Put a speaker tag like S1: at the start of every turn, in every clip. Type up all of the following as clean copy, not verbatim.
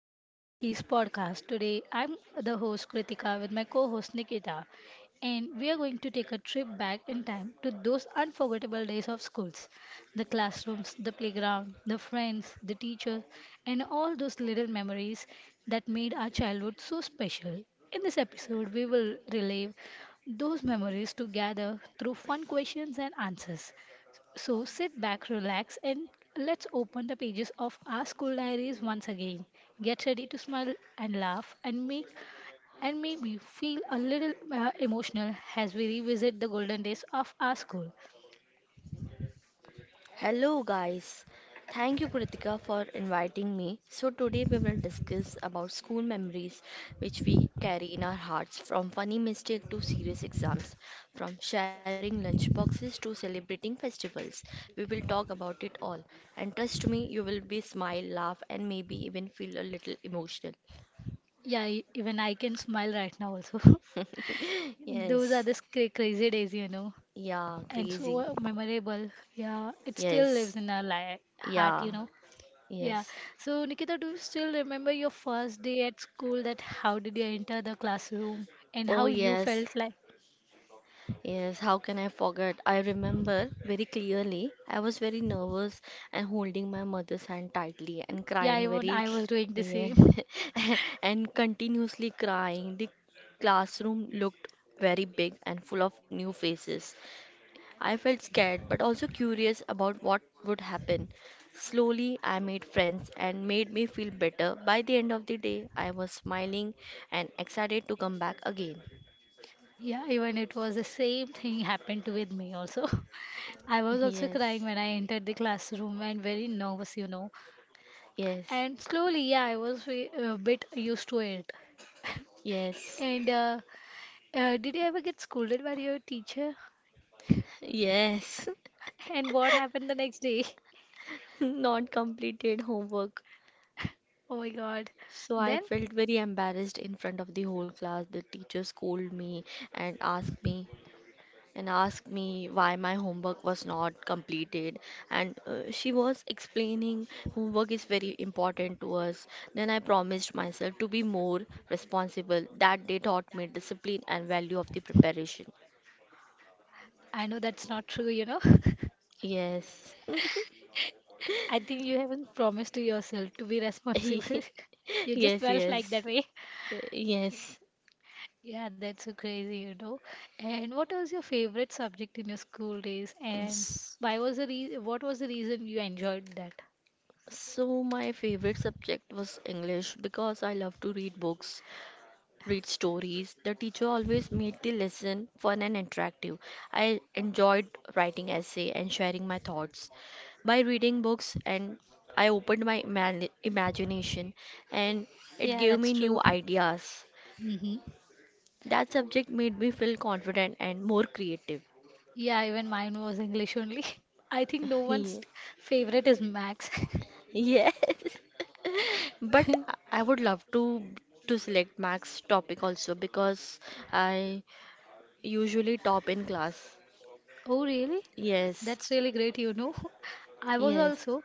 S1: this is Kiki's podcast. Today I'm the host Kritika with my co-host Nikita and we are going to take a trip back in time to those unforgettable days of schools. The classrooms, the playground, the friends, the teachers and all those little memories that made our childhood so special. In this episode we will relive those memories together through fun questions and answers. So sit back, relax, and let's open the pages of our school diaries once again. Get ready to smile and laugh and make and maybe feel a little emotional as we revisit the golden days of our school.
S2: Hello, guys. Thank you, Kritika, for inviting me. So, today we will discuss about school memories which we carry in our hearts from funny mistake to serious exams, from sharing lunch boxes to celebrating festivals. We will talk about it all. And trust me, you will be smile, laugh, and maybe even feel a little emotional.
S1: Yeah, even I can smile right now also. Those are
S2: Yes.
S1: the crazy days,
S2: Yeah,
S1: and
S2: crazy.
S1: so memorable. Yeah, it still
S2: Yes.
S1: lives in our heart,
S2: Yeah.
S1: Yeah.
S2: Yes.
S1: So, Nikita, do you still remember your first day at school? That how did you enter the classroom and
S2: Oh,
S1: how you
S2: yes.
S1: felt like?
S2: Yes, how can I forget? I remember very clearly. I was very nervous and holding my mother's hand tightly and
S1: Yeah,
S2: crying
S1: even
S2: very,
S1: I was doing the
S2: yeah,
S1: same.
S2: and continuously crying. The classroom looked very big and full of new faces. I felt scared but also curious about what would happen. Slowly, I made friends and made me feel better. By the end of the day, I was smiling and excited to come back again.
S1: Yeah, even it was the same thing happened with me also. I was also
S2: Yes,
S1: crying when I entered the classroom and very nervous,
S2: yes.
S1: And slowly, yeah, I was a bit used to it.
S2: Yes,
S1: And Did you ever get scolded by your teacher?
S2: yes,
S1: And what happened the next day?
S2: not completed homework.
S1: Oh my God.
S2: So I
S1: Then?
S2: felt very embarrassed in front of the whole class. The teacher scolded me and asked me and asked me why my homework was not completed. And she was explaining homework is very important to us. Then I promised myself to be more responsible. That day taught me discipline and value of the preparation.
S1: I know that's not true,
S2: Yes,
S1: I think you haven't promised to yourself to be responsible. You
S2: yes,
S1: just felt like
S2: yes,
S1: that way.
S2: yes.
S1: Yeah, that's so crazy, And what was your favorite subject in your school days? And
S2: Yes.
S1: why was the re- what was the reason you enjoyed that?
S2: So, my favorite subject was English because I love to read books, read stories. The teacher always made the lesson fun and interactive. I enjoyed writing essay and sharing my thoughts. By reading books and I opened my imagination and it
S1: Yeah,
S2: gave
S1: that's
S2: me
S1: true.
S2: new ideas.
S1: Hmm.
S2: That subject made me feel confident and more creative.
S1: Yeah, even mine was English only. I think no one's favorite is Max.
S2: Yes. But I would love to select Max topic also because I usually top in class.
S1: Oh, really?
S2: Yes.
S1: That's really great, I was
S2: Yes.
S1: also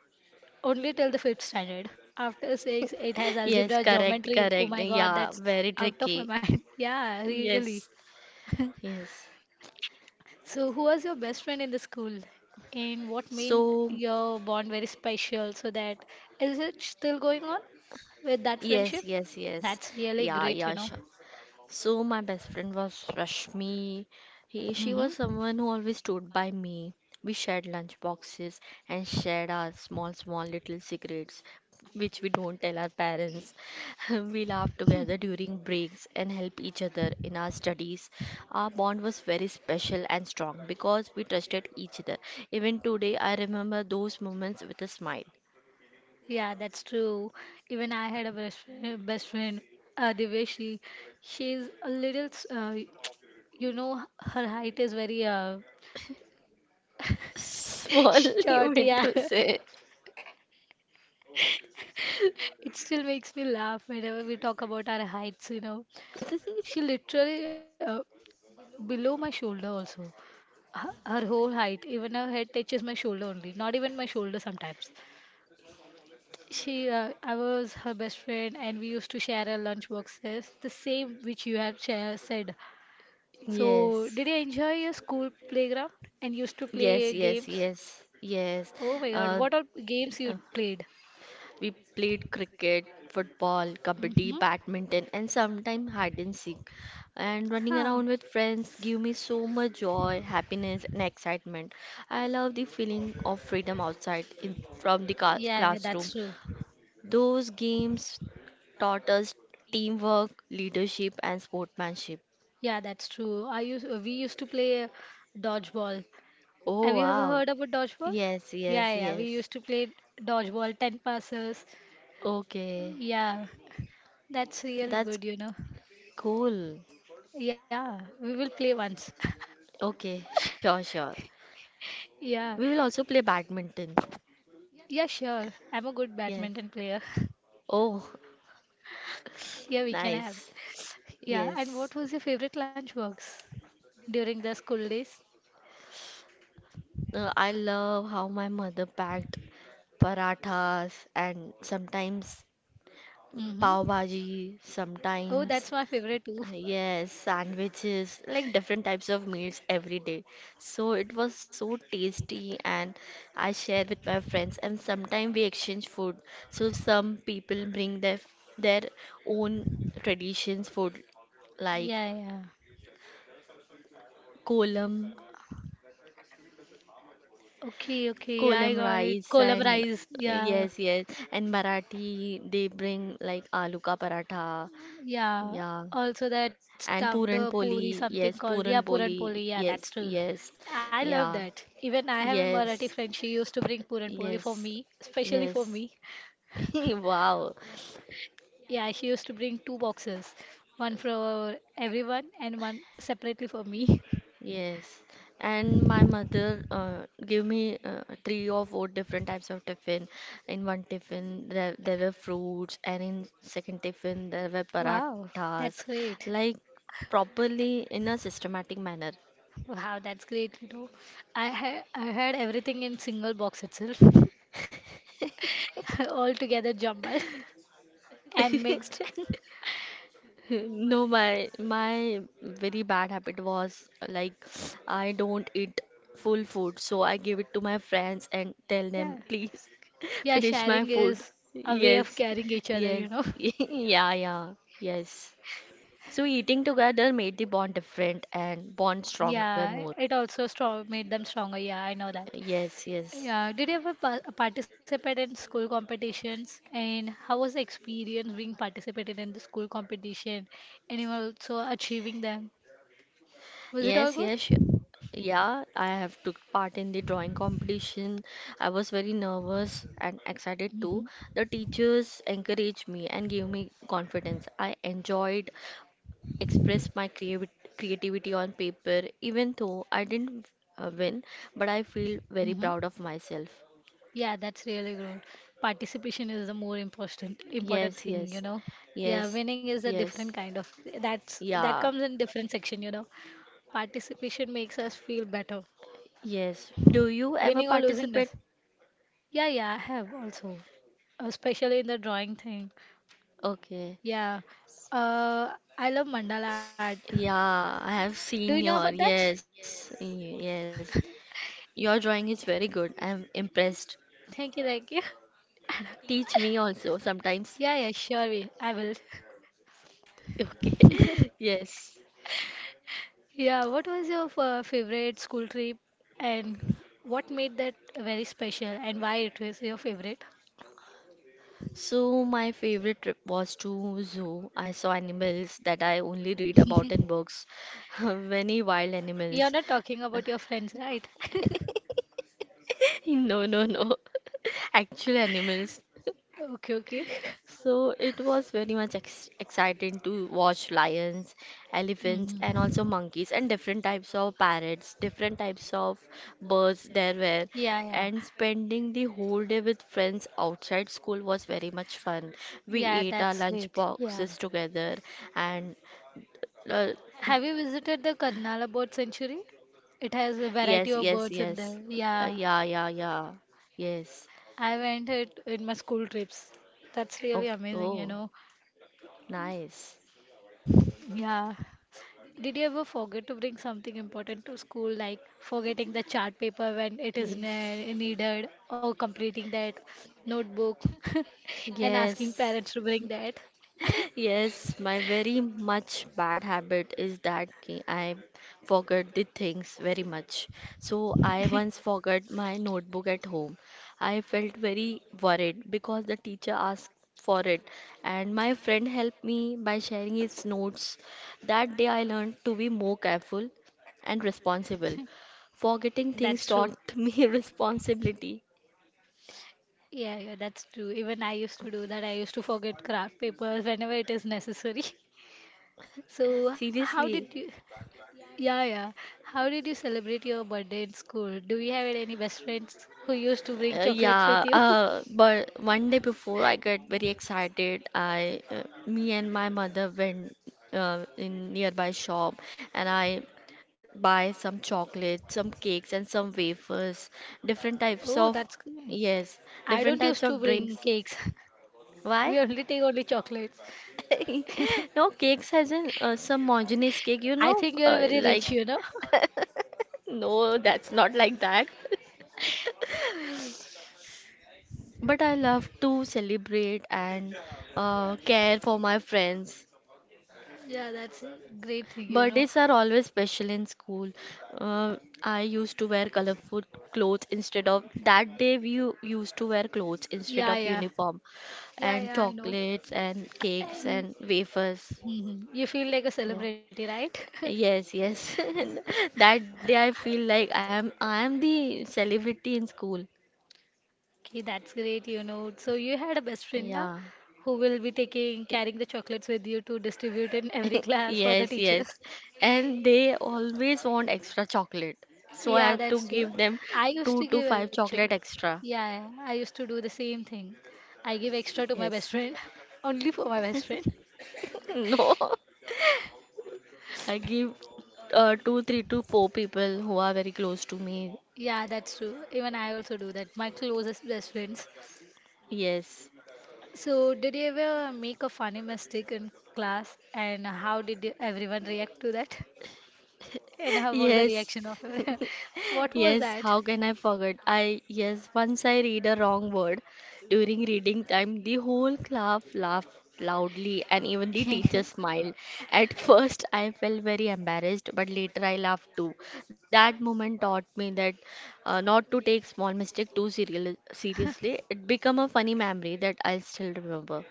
S1: only till the fifth standard. After six, it has
S2: Yes,
S1: algebra,
S2: correct,
S1: geometry. Oh
S2: correct.
S1: my God,
S2: Yeah,
S1: that's
S2: very
S1: out of my
S2: tricky.
S1: mind. Yeah, really.
S2: Yes. Yes.
S1: So, who was your best friend in the school? And what made
S2: So,
S1: your bond very special? So that is it still going on with that
S2: yes,
S1: friendship?
S2: yes, yes.
S1: That's really
S2: Yeah,
S1: great, you
S2: yeah,
S1: know.
S2: sure. So my best friend was Rashmi. He, she was
S1: Mm-hmm.
S2: someone who always stood by me. We shared lunch boxes and shared our small, small little secrets, which we don't tell our parents. We laughed together during breaks and helped each other in our studies. Our bond was very special and strong because we trusted each other. Even today, I remember those moments with a smile.
S1: Yeah, that's true. Even I had a best friend, Diveshi. She's a little, you know, her height is very
S2: Small,
S1: short.
S2: you
S1: Yeah,
S2: meant to say.
S1: it still makes me laugh whenever we talk about our heights. You know, she literally below my shoulder also. Her whole height, even her head touches my shoulder only. Not even my shoulder sometimes. She, I was her best friend, and we used to share our lunch boxes, the same which you have share, said. So,
S2: Yes.
S1: did you enjoy your school playground and used to play
S2: Yes, yes,
S1: games?
S2: yes, yes.
S1: Oh my God,
S2: Uh,
S1: what all games
S2: uh,
S1: you played?
S2: we played cricket, football, kabaddi,
S1: Mm-hmm.
S2: badminton, and sometimes hide and seek. And running
S1: Huh.
S2: around with friends give me so much joy, happiness, and excitement. I love the feeling of freedom outside in, from the
S1: Yeah, yeah, that's
S2: classroom.
S1: true.
S2: Those games taught us teamwork, leadership, and sportsmanship.
S1: Yeah, that's true. I used We used to play dodgeball. Have
S2: Oh,
S1: you ever
S2: wow.
S1: heard about dodgeball?
S2: Yes, yes,
S1: Yeah, yeah, we
S2: yes.
S1: used to play dodgeball, ten passes.
S2: Okay.
S1: Yeah, that's really
S2: That's
S1: good, you know.
S2: cool.
S1: Yeah, we will play once.
S2: Okay, sure, sure. We will
S1: Yeah,
S2: also play badminton.
S1: yeah, sure. I'm a good
S2: Yes.
S1: badminton player.
S2: Oh,
S1: Yeah, we can have.
S2: nice.
S1: Yeah, and
S2: Yes.
S1: what was your favorite lunchbox during the school days?
S2: I love how my mother packed parathas and sometimes pav
S1: Mm-hmm.
S2: bhaji,
S1: Oh, that's
S2: sometimes
S1: my favorite too.
S2: Uh, Yes, sandwiches, like different types of meals every day. So it was so tasty, and I share with my friends. And sometimes we exchange food. So some people bring their own traditions food, like
S1: Yeah, yeah.
S2: kolam,
S1: Okay, okay,
S2: kolam
S1: I got it.
S2: rice,
S1: Kolam
S2: and
S1: rice.
S2: yes,
S1: Yeah,
S2: yes, and Marathi they bring like aloo ka paratha, yeah,
S1: yeah. Also that
S2: and
S1: stuffed puri, something called yeah,
S2: puran
S1: puran
S2: poli,
S1: poli. Yeah,
S2: yes,
S1: that's true.
S2: yes,
S1: I love
S2: yeah,
S1: that. Even I have a Marathi
S2: yes.
S1: friend. She used to bring puran poli for
S2: Yes,
S1: me, especially for
S2: yes.
S1: me.
S2: Wow.
S1: Yeah, she used to bring two boxes, one for everyone and one separately for me.
S2: Yes. And my mother gave me 3 or 4 different types of tiffin. In one tiffin, there were fruits, and in second tiffin, there were
S1: Wow,
S2: parathas,
S1: that's great.
S2: like properly in a systematic manner.
S1: Wow, that's great, you know. I had everything in single box itself, all together jumbled and mixed.
S2: No, my very bad habit was like I don't eat full food, so I give it to my friends and tell
S1: Yeah.
S2: them, please
S1: Yeah,
S2: finish my
S1: sharing
S2: food.
S1: is a way of
S2: Yes,
S1: carrying each other,
S2: yes, yeah, yeah, yes. So eating together made the bond different and bond stronger
S1: Yeah,
S2: more.
S1: it also strong made them stronger. Yeah, I know that.
S2: Yes, yes,
S1: Yeah, did you ever pa participate in school competitions? And how was the experience being participated in the school competition and you also achieving them? Was it
S2: yes,
S1: all good?
S2: yes, sure. Yeah, I have took part in the drawing competition. I was very nervous and excited too.
S1: Mm-hmm.
S2: The teachers encouraged me and gave me confidence. I enjoyed expressed my creativity on paper even though I didn't win, but I feel very
S1: Mm-hmm.
S2: proud of myself.
S1: Yeah, that's really good. Participation is the more important important
S2: Yes,
S1: thing, you
S2: yes.
S1: know. Yeah,
S2: Yes.
S1: winning is a different
S2: Yes.
S1: kind of that's that
S2: Yeah.
S1: comes in different section, you know. Participation makes us feel better.
S2: Yes. Do you ever
S1: Winning or losing
S2: participate?
S1: does. Yeah, yeah, I have also, especially in the drawing thing.
S2: Okay.
S1: Yeah. Uh, I love mandala art.
S2: Yeah, I
S1: Do you
S2: have
S1: know about
S2: seen your
S1: that?
S2: yes, y- yes. Your drawing is very good. I am impressed.
S1: Thank you, thank you.
S2: Teach me also sometimes.
S1: Yeah, yeah, sure, we, I will.
S2: Okay. Yes.
S1: Yeah, what was your favorite school trip and what made that very special and why it was your favorite?
S2: So my favorite trip was to zoo. I saw animals that I only read about in books. Many wild
S1: You're
S2: animals.
S1: not talking about your friends, right?
S2: No, no, no. Actual animals.
S1: Okay, okay.
S2: So it was very much ex exciting to watch lions, elephants,
S1: Mhm.
S2: and also monkeys, and different types of parrots, different types of birds there were.
S1: Yeah, yeah.
S2: And spending the whole day with friends outside school was very much fun. We ate
S1: Yeah,
S2: our
S1: that's
S2: lunch
S1: great.
S2: boxes
S1: Yeah.
S2: together, and uh,
S1: Have you visited the Karnala Bird Sanctuary? It has a
S2: yes, yes,
S1: variety of
S2: yes,
S1: birds in there.
S2: yeah,
S1: Yeah.
S2: yeah, yeah, yes.
S1: I went it in my school trips. That's
S2: Okay.
S1: really amazing,
S2: Oh,
S1: you know.
S2: nice.
S1: Yeah. Did you ever forget to bring something important to school, like forgetting the chart paper when it is
S2: Yes.
S1: needed, or completing that notebook and asking
S2: Yes.
S1: parents to bring that?
S2: Yes, my very much bad habit is that I forget the things very much. So I once forgot my notebook at home. I felt very worried because the teacher asked for it, and my friend helped me by sharing his notes. That day I learned to be more careful and responsible. Forgetting
S1: That's
S2: things
S1: true.
S2: taught me responsibility.
S1: Yeah, yeah, that's true. Even I used to do that. I used to forget craft papers whenever it is necessary. So, how did you,
S2: Seriously.
S1: yeah, yeah, how did you celebrate your birthday in school? Do you have any best friends who used to bring chocolates with
S2: Yeah,
S1: you?
S2: but one day before I got very excited. Me and my mother went in nearby shop and I buy some chocolate, some cakes, and some wafers, different
S1: Oh,
S2: types
S1: that's
S2: of
S1: good.
S2: yes,
S1: I don't
S2: different
S1: used
S2: types
S1: to
S2: of
S1: bring
S2: drinks.
S1: cakes. We
S2: Why?
S1: only take only chocolates.
S2: No, cakes has an some homogeneous cake, you
S1: I
S2: know,
S1: think you're very
S2: like
S1: rich, you know.
S2: no, that's not like that. But I love to celebrate and care for my friends.
S1: Yeah, that's a great thing, you know.
S2: Birthdays are always special in school. Uh, I used to wear colorful clothes instead of that day we used to wear clothes instead
S1: Yeah,
S2: of
S1: yeah.
S2: uniform
S1: Yeah,
S2: and
S1: yeah, I know.
S2: chocolates and cakes
S1: And
S2: and wafers.
S1: Mhm, you feel like a
S2: Yeah.
S1: celebrity, right?
S2: Yes, yes. And that day I feel like I am the celebrity in school.
S1: Okay, that's great, you know. So you had a best friend now
S2: Yeah.
S1: who will be taking carrying the chocolates with you to distribute in every class for the
S2: Yes,
S1: teachers.
S2: yes. And they always want extra chocolate. So I
S1: Yeah,
S2: have to
S1: that's true.
S2: give them
S1: I used
S2: two
S1: to
S2: to
S1: give
S2: five
S1: actually.
S2: chocolate extra.
S1: Yeah, yeah, I used to do the same thing. I give extra to my best
S2: Yes.
S1: friend, only for my best friend.
S2: No. I give 2, 3 to 4 people who are very close to me.
S1: Yeah, that's true. Even I also do that. My closest best friends.
S2: Yes.
S1: So, did you ever make a funny mistake in class, and how did you- everyone react to that? And how was the
S2: Yes.
S1: reaction of everyone? What was
S2: Yes,
S1: that?
S2: how can I forget? Yes, once I read a wrong word during reading time, the whole class laughed loudly and even the teacher smiled. At first, I felt very embarrassed, but later I laughed too. That moment taught me that not to take small mistake too serial seriously. It became a funny memory that I'll still remember.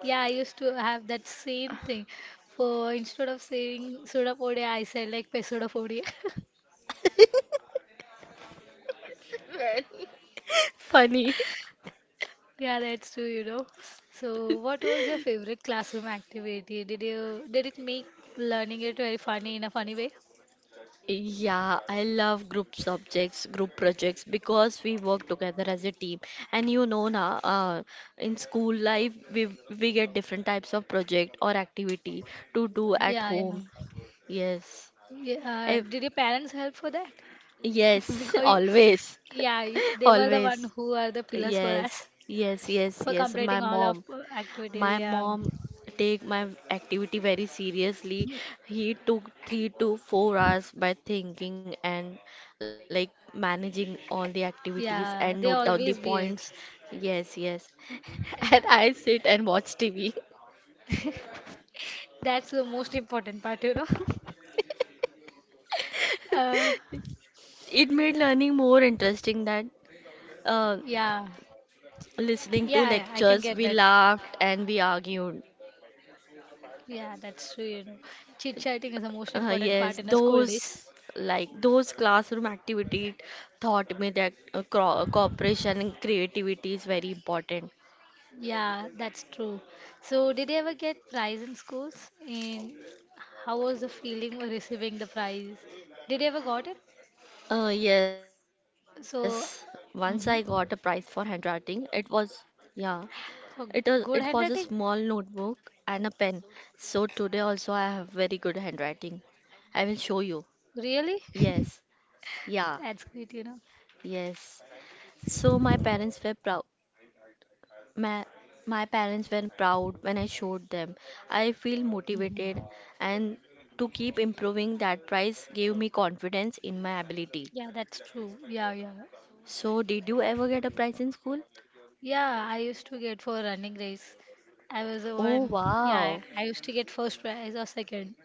S1: Yeah, I used to have that same thing. For instead of saying "soda Sudapodi, I said like "pesoda Pesudapodi.
S2: Very funny.
S1: Yeah, that's true, you know. So, what was your favorite classroom activity? Did you did it make learning it very funny in a funny way?
S2: Yeah, I love group subjects, group projects because we work together as a team. And you know na, in school life we get different types of project or activity to do at
S1: Yeah, yeah.
S2: home. Yes.
S1: Yeah,
S2: Ev-
S1: did your parents help for that?
S2: yes,
S1: Because
S2: always.
S1: yeah, they were the
S2: Always.
S1: one who are the pillars for us
S2: Yes. Yes, yes,
S1: for
S2: yes. My
S1: completing all of
S2: mom. My
S1: activities. Yeah,
S2: mom take my activity very seriously. He took 3 to 4 hours by thinking and like managing all the activities and
S1: yeah,
S2: note
S1: they
S2: down the
S1: always be
S2: points.
S1: it.
S2: Yes, yes. And I sit and watch TV.
S1: That's the most important part, you know. uh,
S2: It made learning more interesting than uh,
S1: yeah, yeah,
S2: listening
S1: yeah,
S2: to
S1: I can get that.
S2: lectures. We laughed and we argued.
S1: Yeah, that's true, you know. Chit chatting is the most important part in
S2: Yes,
S1: the school days.
S2: those like those classroom activity taught me that cooperation and creativity is very important.
S1: Yeah, that's true. So, did you ever get prize in schools? And how was the feeling when receiving the prize? Did you ever got it?
S2: Yes, once I
S1: So,
S2: got a prize for
S1: mm-hmm,
S2: handwriting. It was, yeah,
S1: for
S2: it was a
S1: good
S2: small
S1: handwriting?
S2: notebook and a pen. So today also I have very good handwriting. I will show you.
S1: Really?
S2: Yes, yeah,
S1: That's great, you know.
S2: yes. So my parents were prou My, my parents were proud when I showed them. I feel motivated
S1: Hmm.
S2: and to keep improving that prize gave me confidence in my ability.
S1: Yeah, that's true. Yeah, yeah.
S2: So, did you ever get a prize in school?
S1: Yeah, I used to get for running race. I was the
S2: Oh,
S1: one. Yeah,
S2: wow.
S1: I used to get first prize or second,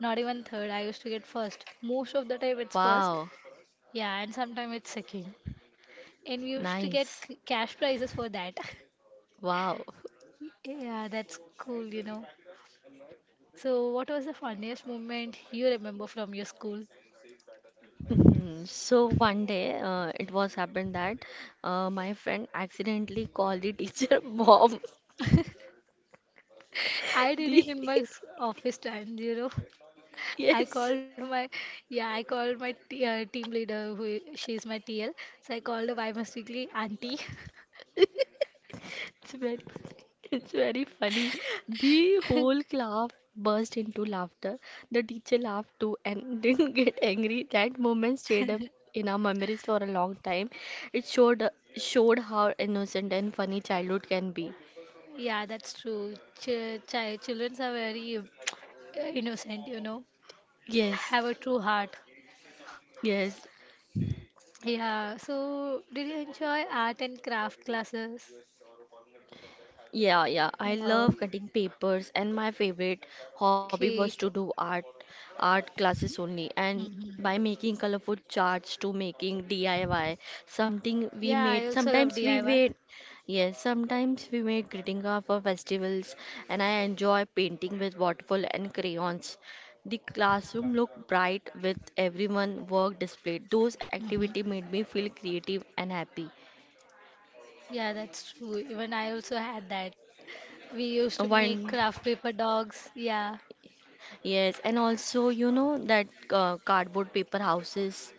S1: not even third. I used to get first. Most of the time it's first.
S2: Wow.
S1: Yeah, and sometimes it's second. And we used to get
S2: Nice.
S1: cash prizes for that.
S2: Wow.
S1: Yeah, that's cool, you know. So, what was the funniest moment you remember from your school?
S2: Mhm. So one day, it was happened that my friend accidentally called the teacher mom.
S1: I did
S2: The
S1: it in my office times, you know. I called
S2: yes,
S1: my yeah I called my team leader who she's my TL so I called her by mistakenly auntie.
S2: It's very, it's very funny. The whole class burst into laughter. The teacher laughed too and didn't get angry. That moment stayed up in our memories for a long time. It showed showed how innocent and funny childhood can be.
S1: Yeah, that's true. Children are very innocent, you know,
S2: Yes,
S1: have a true heart.
S2: yes.
S1: Yeah, so did you enjoy art and craft classes?
S2: Yeah, yeah. I
S1: No.
S2: love cutting papers, and my favorite hobby was to
S1: Okay.
S2: do art classes only. And
S1: Hmm.
S2: by making colorful charts to making DIY, something we
S1: Yeah, I
S2: made.
S1: also love
S2: Sometimes we
S1: DIY.
S2: made, yes, sometimes we made greeting cards for festivals. And I enjoy painting with watercolor and crayons. The classroom looked bright with everyone work displayed. Those
S1: Hmm.
S2: activity made me feel creative and happy.
S1: Yeah, that's true. Even I also had that. We used to
S2: One.
S1: make craft paper dogs. Yeah.
S2: Yes, and also you know that cardboard paper houses.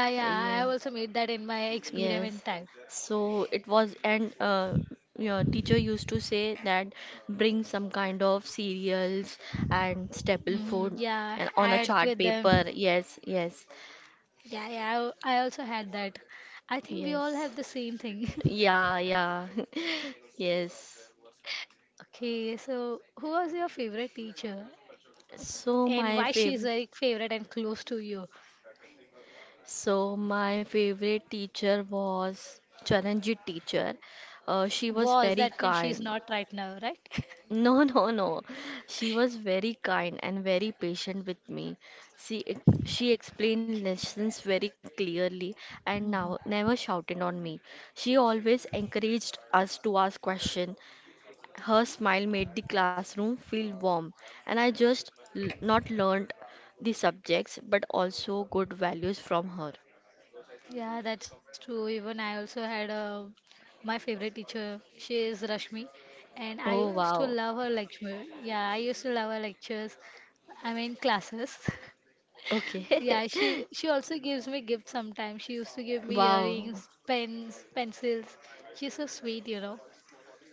S1: Yeah, yeah. I
S2: Yeah,
S1: have also made that in my
S2: yes.
S1: experiment time.
S2: So it was, and your teacher used to say that bring some kind of cereals and staple food
S1: Hmm.
S2: and
S1: Yeah,
S2: on a
S1: add
S2: chart
S1: with
S2: paper.
S1: them.
S2: Yes, yes,
S1: Yeah, yeah. I also had that. I think we all
S2: yes.
S1: have the same thing.
S2: Yeah, yeah. Yes.
S1: Okay, so who was your favorite teacher
S2: So
S1: and
S2: my
S1: why she's
S2: favorite,
S1: very favorite and close to you?
S2: so my favorite teacher was Charanjit teacher. She was
S1: Was
S2: very
S1: that means she's
S2: kind
S1: not right now, right?
S2: No, no, no. She was very kind and very patient with me. She explained lessons very clearly and
S1: Mhm.
S2: now never shouted on me. She always encouraged us to ask questions. Her smile made the classroom feel warm, and I just not learned the subjects but also good values from her.
S1: Yeah, that's true. Even I also had a, my favorite teacher. She is Rashmi, and I
S2: Oh
S1: used to
S2: wow.
S1: love her lecture. Yeah, I used to love her lectures. I mean classes.
S2: Okay.
S1: Yeah, she also gives me gifts sometimes. She used to give me
S2: Wow.
S1: earrings, pens, pencils. She's so sweet, you know.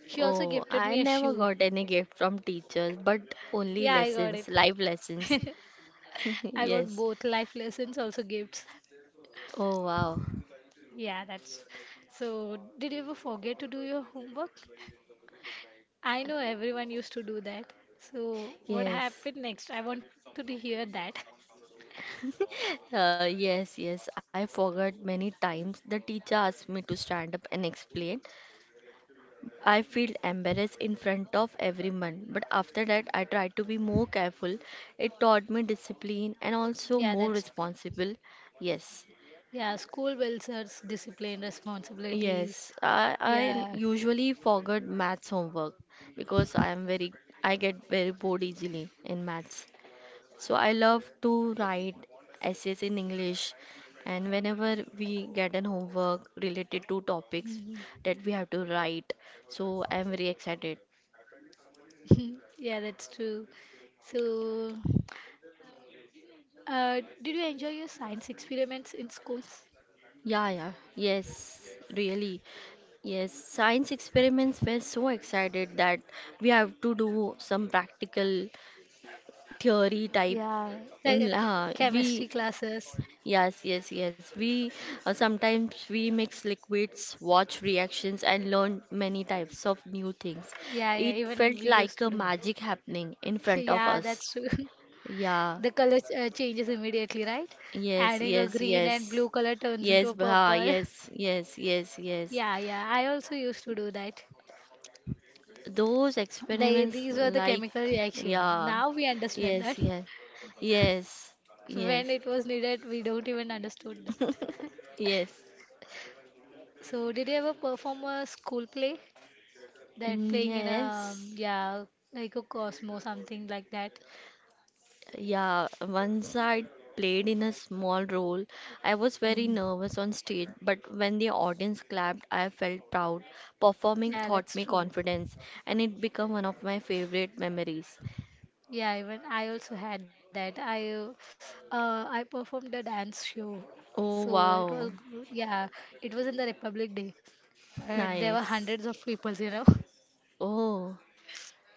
S1: She also
S2: Oh,
S1: gifted
S2: I
S1: me a
S2: never
S1: shoe.
S2: got any gift from teachers, but only
S1: Yeah, I got
S2: lessons,
S1: it.
S2: life lessons.
S1: I got
S2: Yes.
S1: both life lessons, also gifts.
S2: Oh, wow.
S1: Yeah, that's. So, did you ever forget to do your homework? I know everyone used to do that. So, what happened
S2: Yes.
S1: next? I wanted to hear that.
S2: Yes, I forgot many times. The teacher asked me to stand up and explain. I feel embarrassed in front of everyone, but after that, I tried to be more careful. It taught me discipline and also
S1: Yeah,
S2: more
S1: that's true.
S2: responsible. Yes.
S1: Yeah, school welfare, discipline, responsibilities.
S2: Yes, I
S1: Yeah.
S2: usually forget maths homework because I get very bored easily in maths. So I love to write essays in English, and whenever we get an homework related to topics
S1: Mhm.
S2: that we have to write, so I am very excited.
S1: Yeah, that's true. So, did you enjoy your science experiments in schools?
S2: Yeah, yeah, yes, really. Yes, science experiments were so excited that we have to do some practical theory type
S1: Yeah, like
S2: in
S1: chemistry
S2: we
S1: classes.
S2: Yes, yes, yes. We sometimes we mix liquids, watch reactions, and learn many types of new things.
S1: Yeah, yeah,
S2: It
S1: even
S2: felt
S1: we used
S2: like
S1: to
S2: a
S1: do
S2: magic
S1: that.
S2: happening in front of
S1: Yeah,
S2: us.
S1: that's true.
S2: Yeah,
S1: The color changes immediately, right?
S2: yes,
S1: Adding a
S2: yes,
S1: green and
S2: yes.
S1: blue color turns into
S2: Yes,
S1: a
S2: bah,
S1: purple.
S2: yes, yes, yes, yes.
S1: Yeah, yeah, I also used to do that.
S2: Those
S1: They,
S2: experiments,
S1: these were the
S2: like,
S1: chemical reaction.
S2: yeah,
S1: Now we understand
S2: yes,
S1: that.
S2: yes, yes, yes,
S1: When it was needed, we don't even understood that.
S2: yes.
S1: So, did you ever perform a school play? That playing in a,
S2: Yes.
S1: yeah, like a Cosmo, something like that.
S2: Yeah, once I played in a small role. I was very
S1: Mm.
S2: nervous on stage, but when the audience clapped, I felt proud. Performing
S1: Yeah,
S2: taught
S1: that's
S2: me
S1: true.
S2: confidence, and it became one of my favorite memories.
S1: Yeah, even I also had that. I performed a dance show,
S2: Oh,
S1: so it was
S2: wow.
S1: good. Yeah, it was in the Republic Day, but there were
S2: Nice.
S1: hundreds of people, you know.
S2: Oh,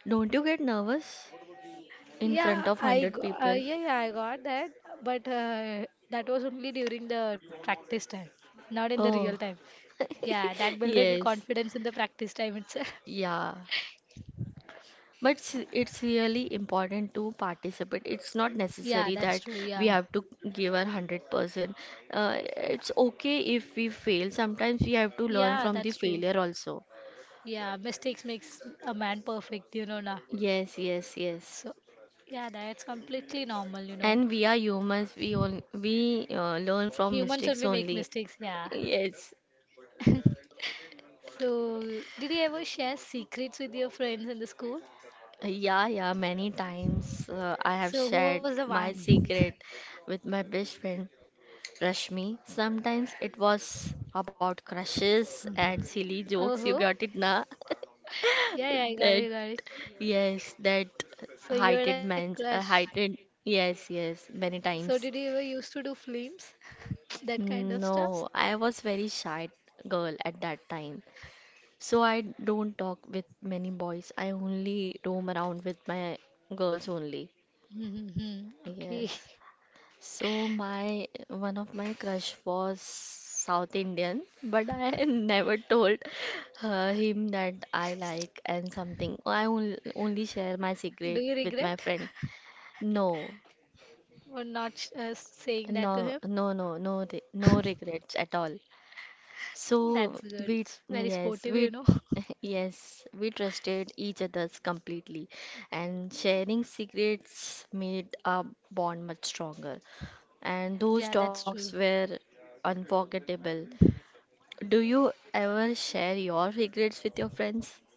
S2: don't you get nervous in front
S1: Yeah,
S2: of
S1: I
S2: 100
S1: go,
S2: people?
S1: yeah yeah I got that, but that was only during the practice time, not in the real
S2: Oh,
S1: time. Yeah, that builded me
S2: yes.
S1: confidence in the practice time itself.
S2: Yeah. But it's really important to participate. It's not
S1: Yeah,
S2: necessary
S1: that's
S2: that
S1: true.
S2: we
S1: Yeah,
S2: have to give our 100%. It's okay if we fail. Sometimes we have to learn
S1: yeah,
S2: from the
S1: that's true.
S2: failure also.
S1: Yeah, mistakes makes a man perfect, you know, na.
S2: Yes, yes, yes.
S1: So, yeah, that's completely normal, you know.
S2: And we are humans. We learn from
S1: Humans
S2: mistakes
S1: only make
S2: only.
S1: mistakes, yeah.
S2: Yes.
S1: So, did you ever share secrets with your friends in the school?
S2: Yeah, yeah. Many times I have
S1: So, who was
S2: shared
S1: the
S2: my
S1: one?
S2: secret with my best friend. Crush me. Sometimes it was about crushes and
S1: Mhm.
S2: silly jokes. You
S1: Oh,
S2: got it, na?
S1: yeah, yeah, I got
S2: That,
S1: it, got it.
S2: yes, that
S1: So,
S2: heighted
S1: you're like
S2: man,
S1: crush.
S2: heighted, yes, yes, many
S1: So, did
S2: times.
S1: you ever used to do flames? That kind of stuff?
S2: No, I was very shy girl at that time. So I don't talk with many boys. I only roam around with my girls only.
S1: Hmm. Okay.
S2: Yes. So my one of my crush was South Indian, but I never told him that I like and something. Only share my
S1: Do
S2: secret
S1: you
S2: with my
S1: regret
S2: friend. No,
S1: for not saying
S2: no,
S1: that to him?
S2: no, no, no, no regrets at all. So
S1: That's good.
S2: we,
S1: Very
S2: yes,
S1: sportive, you
S2: we,
S1: know.
S2: yes, we trusted each other's completely, and sharing secrets made our bond much stronger, and
S1: Yeah,
S2: those
S1: that's true.
S2: talks were unforgettable. Do you ever share your regrets with your friends?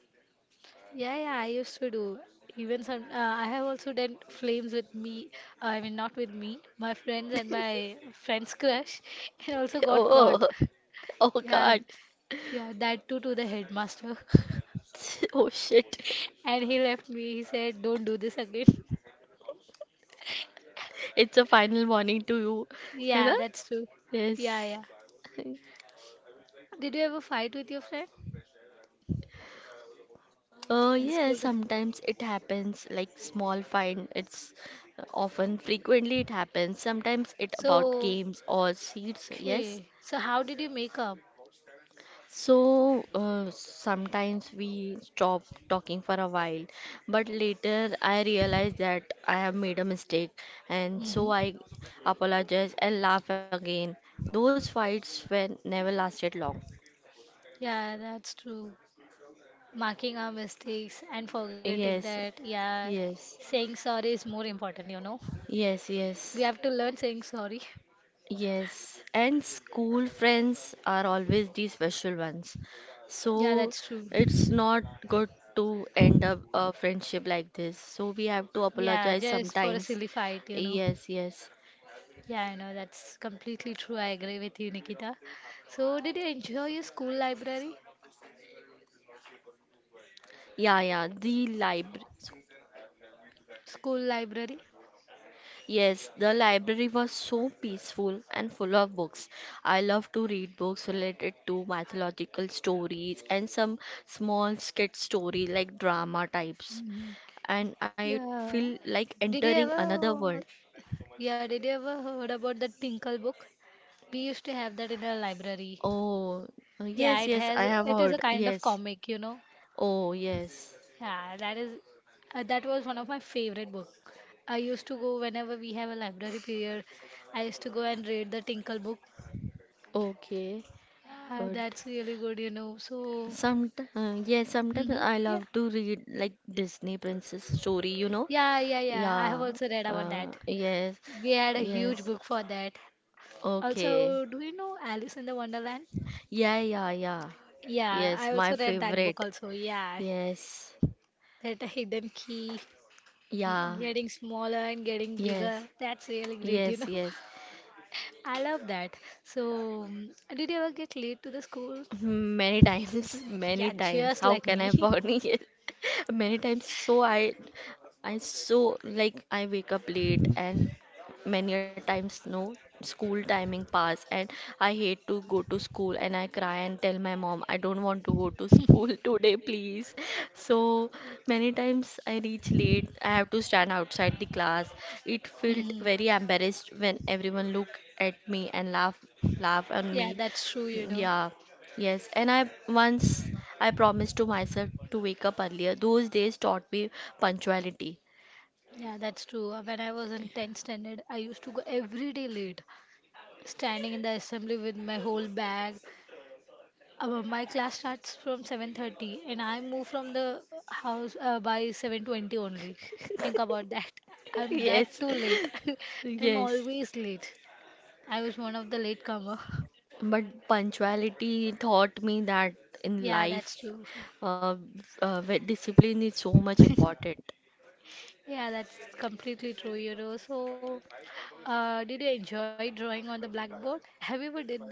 S1: Yeah, yeah, I used to do. Even some, I have also done flames with me. I mean, not with me, my friends and my friend's crush, and also got caught.
S2: Oh, oh
S1: Yeah,
S2: God.
S1: yeah, that too to the headmaster.
S2: Oh shit.
S1: And he left me. He said, "Don't do this again."
S2: It's a final warning to you. You
S1: Yeah,
S2: know?
S1: that's true. Yeah,
S2: Yes.
S1: yeah. Did you ever fight with your friend
S2: Oh,
S1: in the school?
S2: yes, sometimes it happens like small fine. It's often frequently it happens. Sometimes it about
S1: So,
S2: games or seats. Yes.
S1: okay. So, how did you make up?
S2: So sometimes we stop talking for a while, but later I realize that I have made a mistake, and
S1: Hmm.
S2: so I apologize and laugh again. Those fights were never lasted long.
S1: Yeah, that's true. Marking our mistakes and forgetting
S2: Yes,
S1: that, yeah,
S2: yes,
S1: saying sorry is more important, you know.
S2: yes,
S1: We
S2: yes.
S1: have to learn saying sorry.
S2: Yes, and school friends are always the special ones.
S1: Yeah,
S2: So
S1: that's true.
S2: it's not good to end up a friendship like this. So we have to
S1: Yeah,
S2: apologize
S1: just for a
S2: sometimes.
S1: silly fight, you know.
S2: Yes, yes.
S1: Yeah, I know that's completely true. I agree with you, Nikita. So, did you enjoy your school library?
S2: Yeah, yeah. The library.
S1: School library?
S2: Yes, the library was so peaceful and full of books. I love to read books related to mythological stories and some small skit story like drama types.
S1: Mhm.
S2: And I
S1: Yeah.
S2: feel like
S1: Did you
S2: entering another
S1: ever?
S2: world.
S1: Yeah, did you ever heard about the Tinkle book? We used to have that in our library.
S2: Oh,
S1: Yeah, it
S2: yes, yes,
S1: has.
S2: I have
S1: It is a
S2: heard.
S1: kind of
S2: Yes.
S1: comic, you know.
S2: Oh, yes.
S1: Yeah, that is. That was one of my favorite book. I used to go whenever we have a library period. I used to go and read the Tinkle book.
S2: Okay,
S1: Yeah,
S2: good.
S1: that's really good, you know. So,
S2: Some, yeah, sometimes
S1: hmm,
S2: I
S1: yeah,
S2: love to read like Disney princess story, you know?
S1: yeah, yeah, yeah, I have
S2: Yeah,
S1: also read about that.
S2: yes,
S1: We had a huge
S2: yes.
S1: book for that.
S2: Okay.
S1: Also, do you know Alice in the Wonderland?
S2: Yeah, yeah, yeah.
S1: Yeah,
S2: Yes,
S1: I
S2: my
S1: also read that book
S2: favorite.
S1: also. Yeah,
S2: Yes.
S1: that a hidden key,
S2: Yeah.
S1: getting smaller and getting
S2: Yes.
S1: bigger. That's really great, you
S2: Yes,
S1: know.
S2: yes.
S1: I love that. So, did you ever get late to the school?
S2: Many times, many
S1: Yeah,
S2: times.
S1: just
S2: How
S1: like
S2: can I
S1: me.
S2: forget? Yes. Many times. So I so like I wake up late, and many a times no school timing pass, and I hate to go to school, and I cry and tell my mom I don't want to go to school today, please. So many times I reach late, I have to stand outside the class. It felt
S1: Mhm.
S2: very embarrassed when everyone look at me and laugh on me.
S1: Yeah, that's true, you know.
S2: Yeah, yes. And I once I promised to myself to wake up earlier. Those days taught me punctuality.
S1: Yeah, that's true. When I was in 10th standard, I used to go every day late, standing in the assembly with my whole bag. My class starts from 7:30 and I move from the house by 7:20 only. Think about that. I'm that
S2: Yes,
S1: too late. I'm
S2: yes.
S1: always late. I was one of the latecomer.
S2: But punctuality taught me that in
S1: Yeah, that's
S2: life,
S1: true.
S2: uh, where discipline is so much important.
S1: Yeah, that's completely true, you know. So, did you enjoy drawing on the blackboard? Have you ever did that?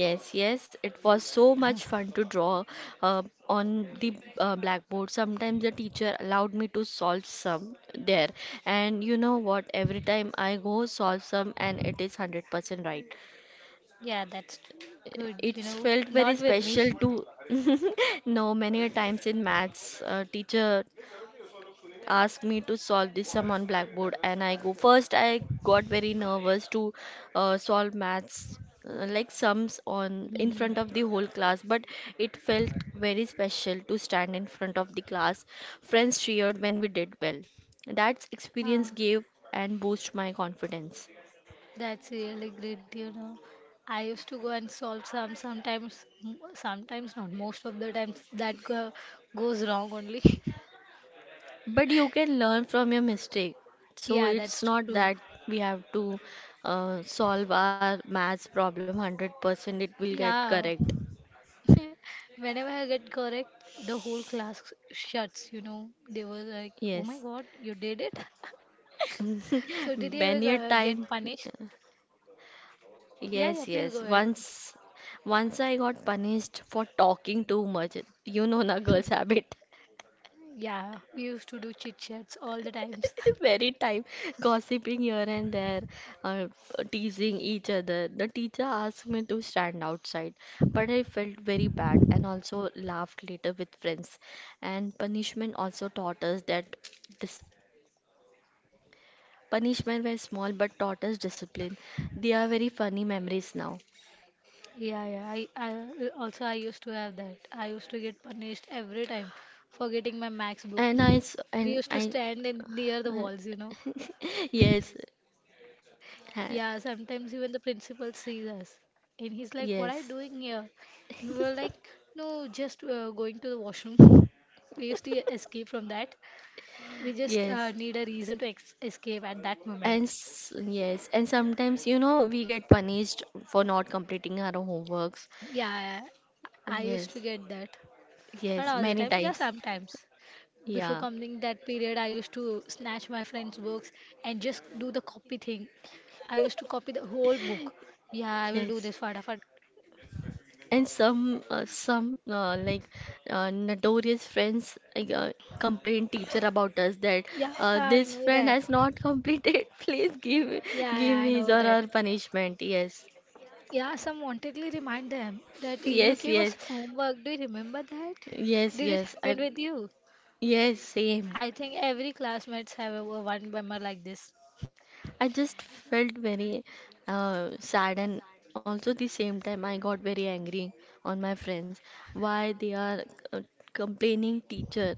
S2: Yes, yes, it was so much fun to draw uh, on the blackboard. Sometimes the teacher allowed me to solve some there, and you know what? Every time I go solve some, and it is 100% right.
S1: Yeah, that's good, you
S2: It's
S1: know.
S2: felt
S1: Not
S2: very
S1: with me.
S2: special to know many a times in maths, teacher asked me to solve this sum on blackboard, and I go first I got very nervous to solve maths like sums on in
S1: Mhm.
S2: front of the whole class, but it felt very special to stand in front of the class. Friends cheered when we did well. That experience
S1: Ah.
S2: gave and boost my confidence.
S1: That's really great, you know. I used to go and solve some sometimes, not most of the times that goes wrong only.
S2: But you can learn from your mistake, so
S1: Yeah,
S2: it's
S1: that's
S2: not
S1: true.
S2: that we have to solve our maths problem 100% it will get
S1: Yeah.
S2: correct.
S1: Whenever I get correct, the whole class shuts, you know. They were like, "Oh my
S2: Yes.
S1: God, you did it." So did you ever
S2: Many a
S1: get
S2: time,
S1: punished? Yeah, yeah,
S2: yes,
S1: please go
S2: yes.
S1: ahead.
S2: Once, once I got punished for talking too much. You know, na girls' habit.
S1: Yeah, we used to do chit chats all the times.
S2: Very time gossiping here and there, uh, teasing each other. The teacher asked me to stand outside, but I felt very bad and also laughed later with friends. And punishment also taught us that this punishment were small but taught us discipline. They are very funny memories now.
S1: Yeah, yeah. I also I used to have that. I used to get punished every time for getting my max book.
S2: And I s-
S1: We
S2: and
S1: used to
S2: I
S1: stand in near the
S2: uh,
S1: walls, you know.
S2: yes
S1: Yeah,
S2: ha-
S1: sometimes even the principal sees us, and he's like, "What
S2: yes
S1: are you doing here?" And we were like, "No, just going to the washroom." We used to escape from that. We just
S2: yes
S1: need a reason to ex escape at that moment.
S2: yes, and sometimes you know we get punished for not completing our homeworks.
S1: Yeah, I used
S2: Yes,
S1: to get that.
S2: yes,
S1: Not all the
S2: many
S1: time. Yeah,
S2: times.
S1: sometimes.
S2: Yeah,
S1: Before coming that period, I used to snatch my friends' books and just do the copy thing. I used to copy the whole book. Yeah, I will do
S2: yes.
S1: this fatafat.
S2: And some like notorious friends like, complain teacher about us that
S1: Yeah, I
S2: this
S1: know
S2: friend
S1: that.
S2: has not completed. Please
S1: Yeah, yeah, I
S2: give
S1: know
S2: his
S1: that.
S2: or her punishment. Yes,
S1: Yeah, some wantedly remind them that you
S2: yes,
S1: gave us
S2: yes,
S1: homework. Do you remember that?
S2: yes,
S1: Did it
S2: yes.
S1: happen
S2: I
S1: with you?
S2: yes, same.
S1: I think every classmates have a one member like this.
S2: I just felt very sad, and also the same time I got very angry on my friends, why they are uh, complaining teacher.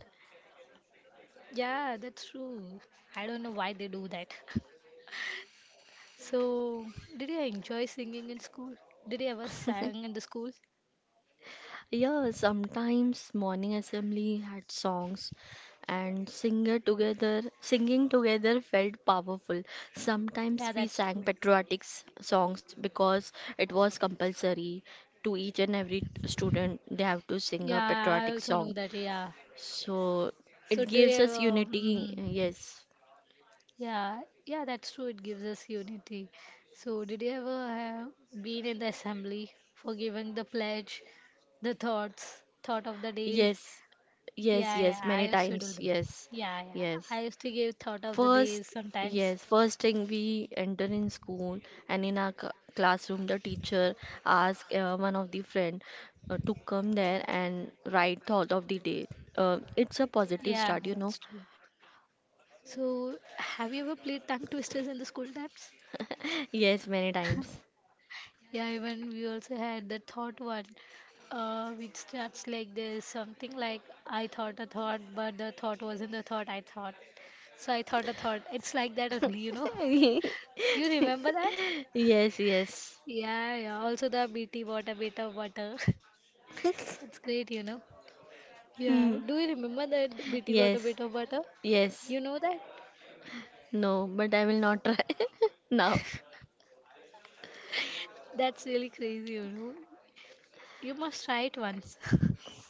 S1: Yeah, that's true. I don't know why they do that. So, did you enjoy singing in school? Did you ever sang in the school?
S2: Yeah, sometimes morning assembly had songs, and singer together singing together felt powerful. Sometimes
S1: Yeah,
S2: we
S1: that's
S2: sang
S1: true.
S2: patriotic songs because it was compulsory to each and every student they have to sing a
S1: Yeah, I
S2: patriotic
S1: also know
S2: song.
S1: that. Yeah.
S2: So
S1: So,
S2: it
S1: do you
S2: gives us
S1: ever?
S2: unity.
S1: Mhm.
S2: Yes.
S1: Yeah, yeah, that's true. It gives us unity. So, did you ever have been in the assembly for giving the pledge, the thoughts, thought of the days?
S2: Yes.
S1: Yes,
S2: Yes,
S1: yeah, yes,
S2: yes,
S1: yeah,
S2: many
S1: I used to do
S2: times.
S1: that.
S2: Yes.
S1: Yeah, yeah,
S2: Yes.
S1: I used to give thought of the days
S2: First,
S1: sometimes.
S2: yes, first thing we enter in school and in our classroom, the teacher ask one of the friend to come there and write thought of the day. It's a
S1: Yeah,
S2: positive start,
S1: that's
S2: you know.
S1: true. So, have you ever played tongue twisters in the school times?
S2: Yes, many times.
S1: Yeah, even we also had the thought one, which starts like there's something like I thought a thought, but the thought wasn't the thought I thought. So I thought a thought. It's like that only, you know. You remember that?
S2: Yes, yes.
S1: Yeah, yeah. Also the BT got a bit of butter. It's great, you know. Yeah.
S2: Hmm.
S1: Do you remember that BT got a
S2: Yes,
S1: bit of butter?
S2: yes.
S1: You know that?
S2: No, but I will not try now.
S1: That's really crazy, you know. You must try it once.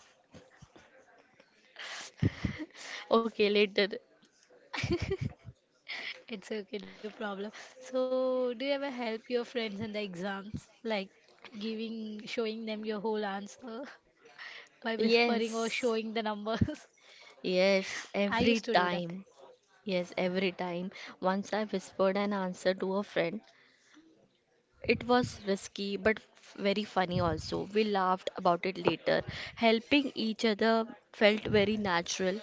S2: Okay, later.
S1: It's okay, no problem. So, do you ever help your friends in the exams? Like giving, showing them your whole answer by whispering or
S2: Yes,
S1: showing the numbers?
S2: yes,
S1: I
S2: every
S1: used to do that.
S2: time. Yes, every time. Once I whispered an answer to a friend. It was risky but very funny also. We laughed about it later. Helping each other felt very natural.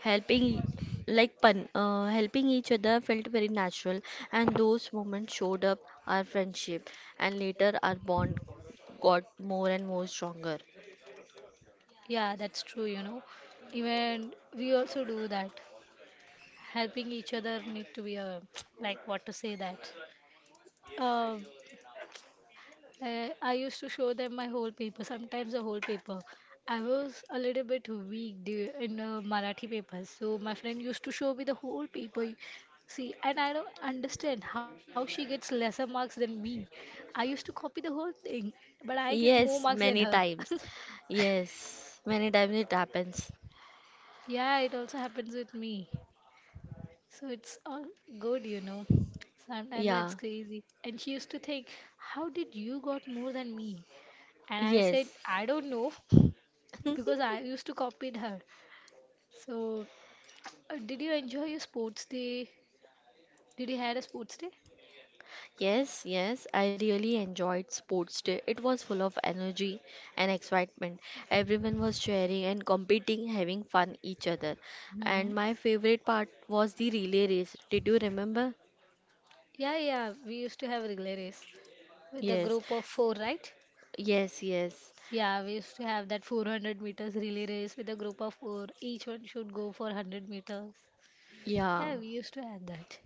S2: Helping e- like pun helping each other felt very natural, and those moments showed up our friendship, and later our bond got more and more stronger.
S1: Yeah, that's true, you know. Even we also do that. Helping each other need to be a, like what to say that. Um, Like, I used to show them my whole paper, sometimes the whole paper. I was a little bit weak in Marathi papers, so my friend used to show me the whole paper. See, and I don't understand how she gets lesser marks than me. I used to copy the whole thing, but I get more
S2: Yes,
S1: marks than
S2: many
S1: her.
S2: times. Yes, many times it happens.
S1: Yeah, it also happens with me. So it's all good, you know. Sometimes
S2: Yeah.
S1: that's crazy. And she used to think, how did you got more than me? And I
S2: Yes.
S1: said, I don't know, because I used to copy her. So, did you enjoy your sports day? Did you had a sports day?
S2: Yes, yes, I really enjoyed sports day. It was full of energy and excitement. Everyone was sharing and competing, having fun each other.
S1: Hmm.
S2: And my favorite part was the relay race. Did you remember?
S1: Yeah, yeah, we used to have relay race with a
S2: Yes.
S1: group of four, right?
S2: Yes, yes.
S1: Yeah, we used to have that 400 meters relay race with a group of four. Each one should go for 100 meters.
S2: Yeah.
S1: Yeah, we used to have that.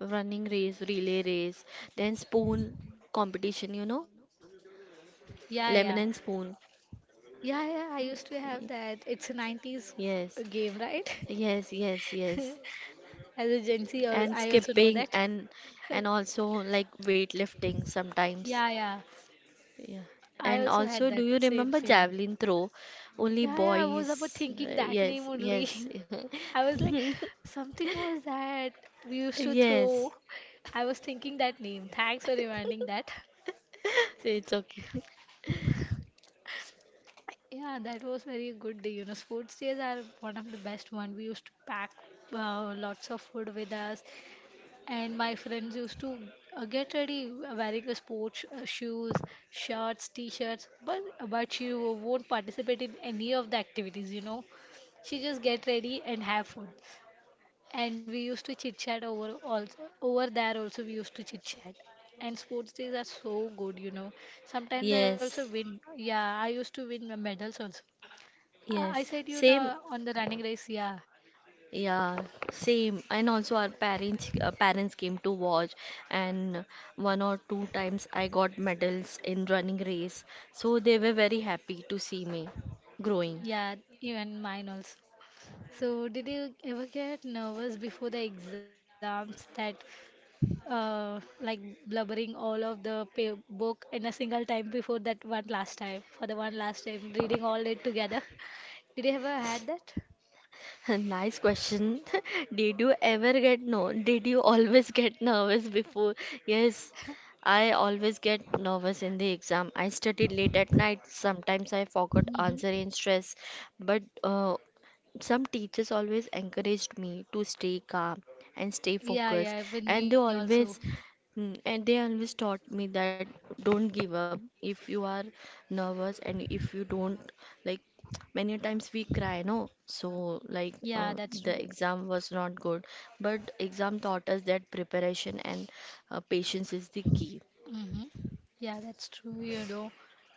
S2: Running race, relay race, then spoon competition, you know?
S1: Yeah,
S2: Lemon
S1: yeah.
S2: and spoon.
S1: Yeah, yeah, I used to
S2: Y-
S1: have that. It's a 90s
S2: Yes.
S1: game, right?
S2: Yes, yes, yes.
S1: As a Gen Z, I
S2: And
S1: I also know
S2: skipping
S1: that.
S2: and also like weightlifting sometimes.
S1: Yeah, yeah.
S2: Yeah.
S1: I
S2: And
S1: also had
S2: also, do
S1: that
S2: you
S1: same
S2: remember
S1: same.
S2: javelin throw? Only
S1: Yeah, yeah, I was about
S2: boys.
S1: thinking that name
S2: Yes,
S1: only.
S2: yes.
S1: I was like, something was that we used to
S2: Yes.
S1: throw. I was thinking that name. Thanks for reminding that.
S2: It's okay.
S1: Yeah, that was very good day. You know, sports days are one of the best one. We used to pack lots of food with us, and my friends used to get ready, wearing the sports shoes, shirts, t-shirts, but she won't participate in any of the activities, you know. She just get ready and have food. And we used to chit chat over, also over there also we used to chit chat. And sports days are so good, you know. Sometimes I also
S2: Yes.
S1: win. Yeah, I used to win medals also. I
S2: Yes.
S1: said, you
S2: Same.
S1: know, on the running race. Yeah,
S2: Yeah, same. And also our parents came to watch, and one or two times I got medals in running race. So they were very happy to see me growing.
S1: yeah, even mine also. So, did you ever get nervous before the exams that, like blubbering all of the book in a single time before that one last time, for the one last time, reading all it together? Did you ever had that?
S2: Nice question. Did you ever get no? Did you always get nervous before? Yes, I always get nervous in the exam. I studied late at night. Sometimes I forgot
S1: Mhm.
S2: answer in stress, but some teachers always encouraged me to stay calm and stay
S1: Yeah,
S2: focused,
S1: yeah, with me
S2: and they
S1: also.
S2: always and they always taught me that don't give up if you are nervous, and if you don't like many a times we cry no so like
S1: Yeah, that's
S2: the
S1: true.
S2: exam was not good, but exam taught us that preparation and patience is the key.
S1: Hmm. Yeah, that's true. You know,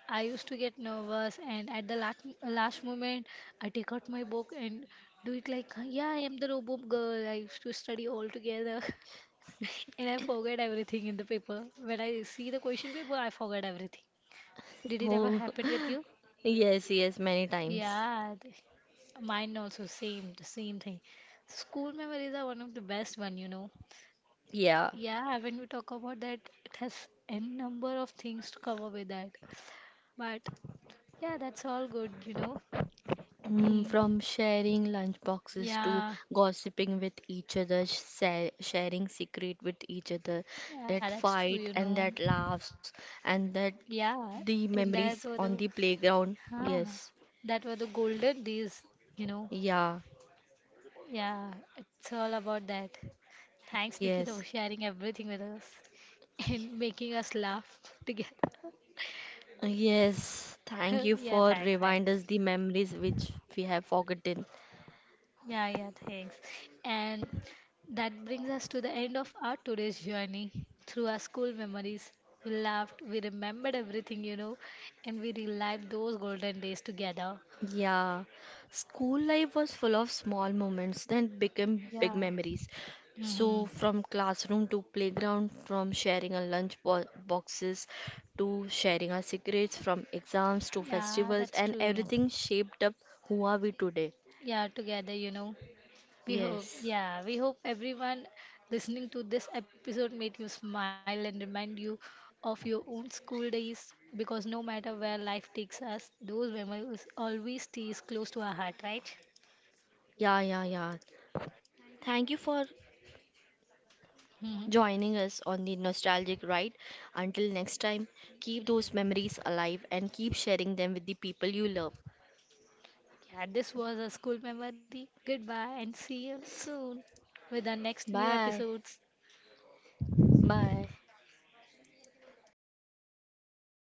S1: I used to get nervous, and at the last moment, I take out my book and do it like, yeah, I am the robot girl. I used to study all together, and I forget everything in the paper. When I see the question paper, I forget everything. Did it
S2: Oh
S1: ever happen with you?
S2: yes, yes, many times.
S1: Yeah, mine also same, the same thing. School memories are one of the best one, you know.
S2: Yeah.
S1: Yeah, when we talk about that, it has n number of things to cover with that. But yeah, that's all good, you know. Eh,
S2: From sharing lunchboxes to
S1: yeah,
S2: gossiping with each other, sharing secret with each other,
S1: yeah, that's
S2: that
S1: true, you
S2: fight
S1: know.
S2: and that laughs and that
S1: Yeah,
S2: the
S1: in that were
S2: memories
S1: the,
S2: on the playground.
S1: huh,
S2: Yes,
S1: that were the golden days, you know.
S2: yeah,
S1: Yeah, it's all about that. Thanks, Nikita, for
S2: yes,
S1: sharing everything with us and making us laugh together.
S2: yes. Thank you
S1: Yeah,
S2: for
S1: thanks, thanks.
S2: remind us the memories which we have forgotten.
S1: Yeah, yeah, thanks. And that brings us to the end of our today's journey through our school memories. We laughed, we remembered everything, you know, and we relived those golden days together.
S2: Yeah, school life was full of small moments that became big
S1: Yeah.
S2: memories.
S1: Hmm.
S2: So, from classroom to playground, from sharing our lunch boxes to sharing our secrets, from exams to
S1: Yeah,
S2: festivals,
S1: that's
S2: and
S1: true.
S2: everything shaped up who are we today.
S1: Yeah, together, you know. We hope,
S2: Yes.
S1: yeah, we hope everyone listening to this episode made you smile and remind you of your own school days, because no matter where life takes us, those memories always stays close to our heart, right?
S2: Yeah, yeah, yeah. Thank you for
S1: Hmm.
S2: joining us on the nostalgic ride. Until next time, keep those memories alive and keep sharing them with the people you love.
S1: Yeah, this was a school memory. Goodbye and see you soon with our next new
S2: Bye.
S1: episodes.
S2: Bye.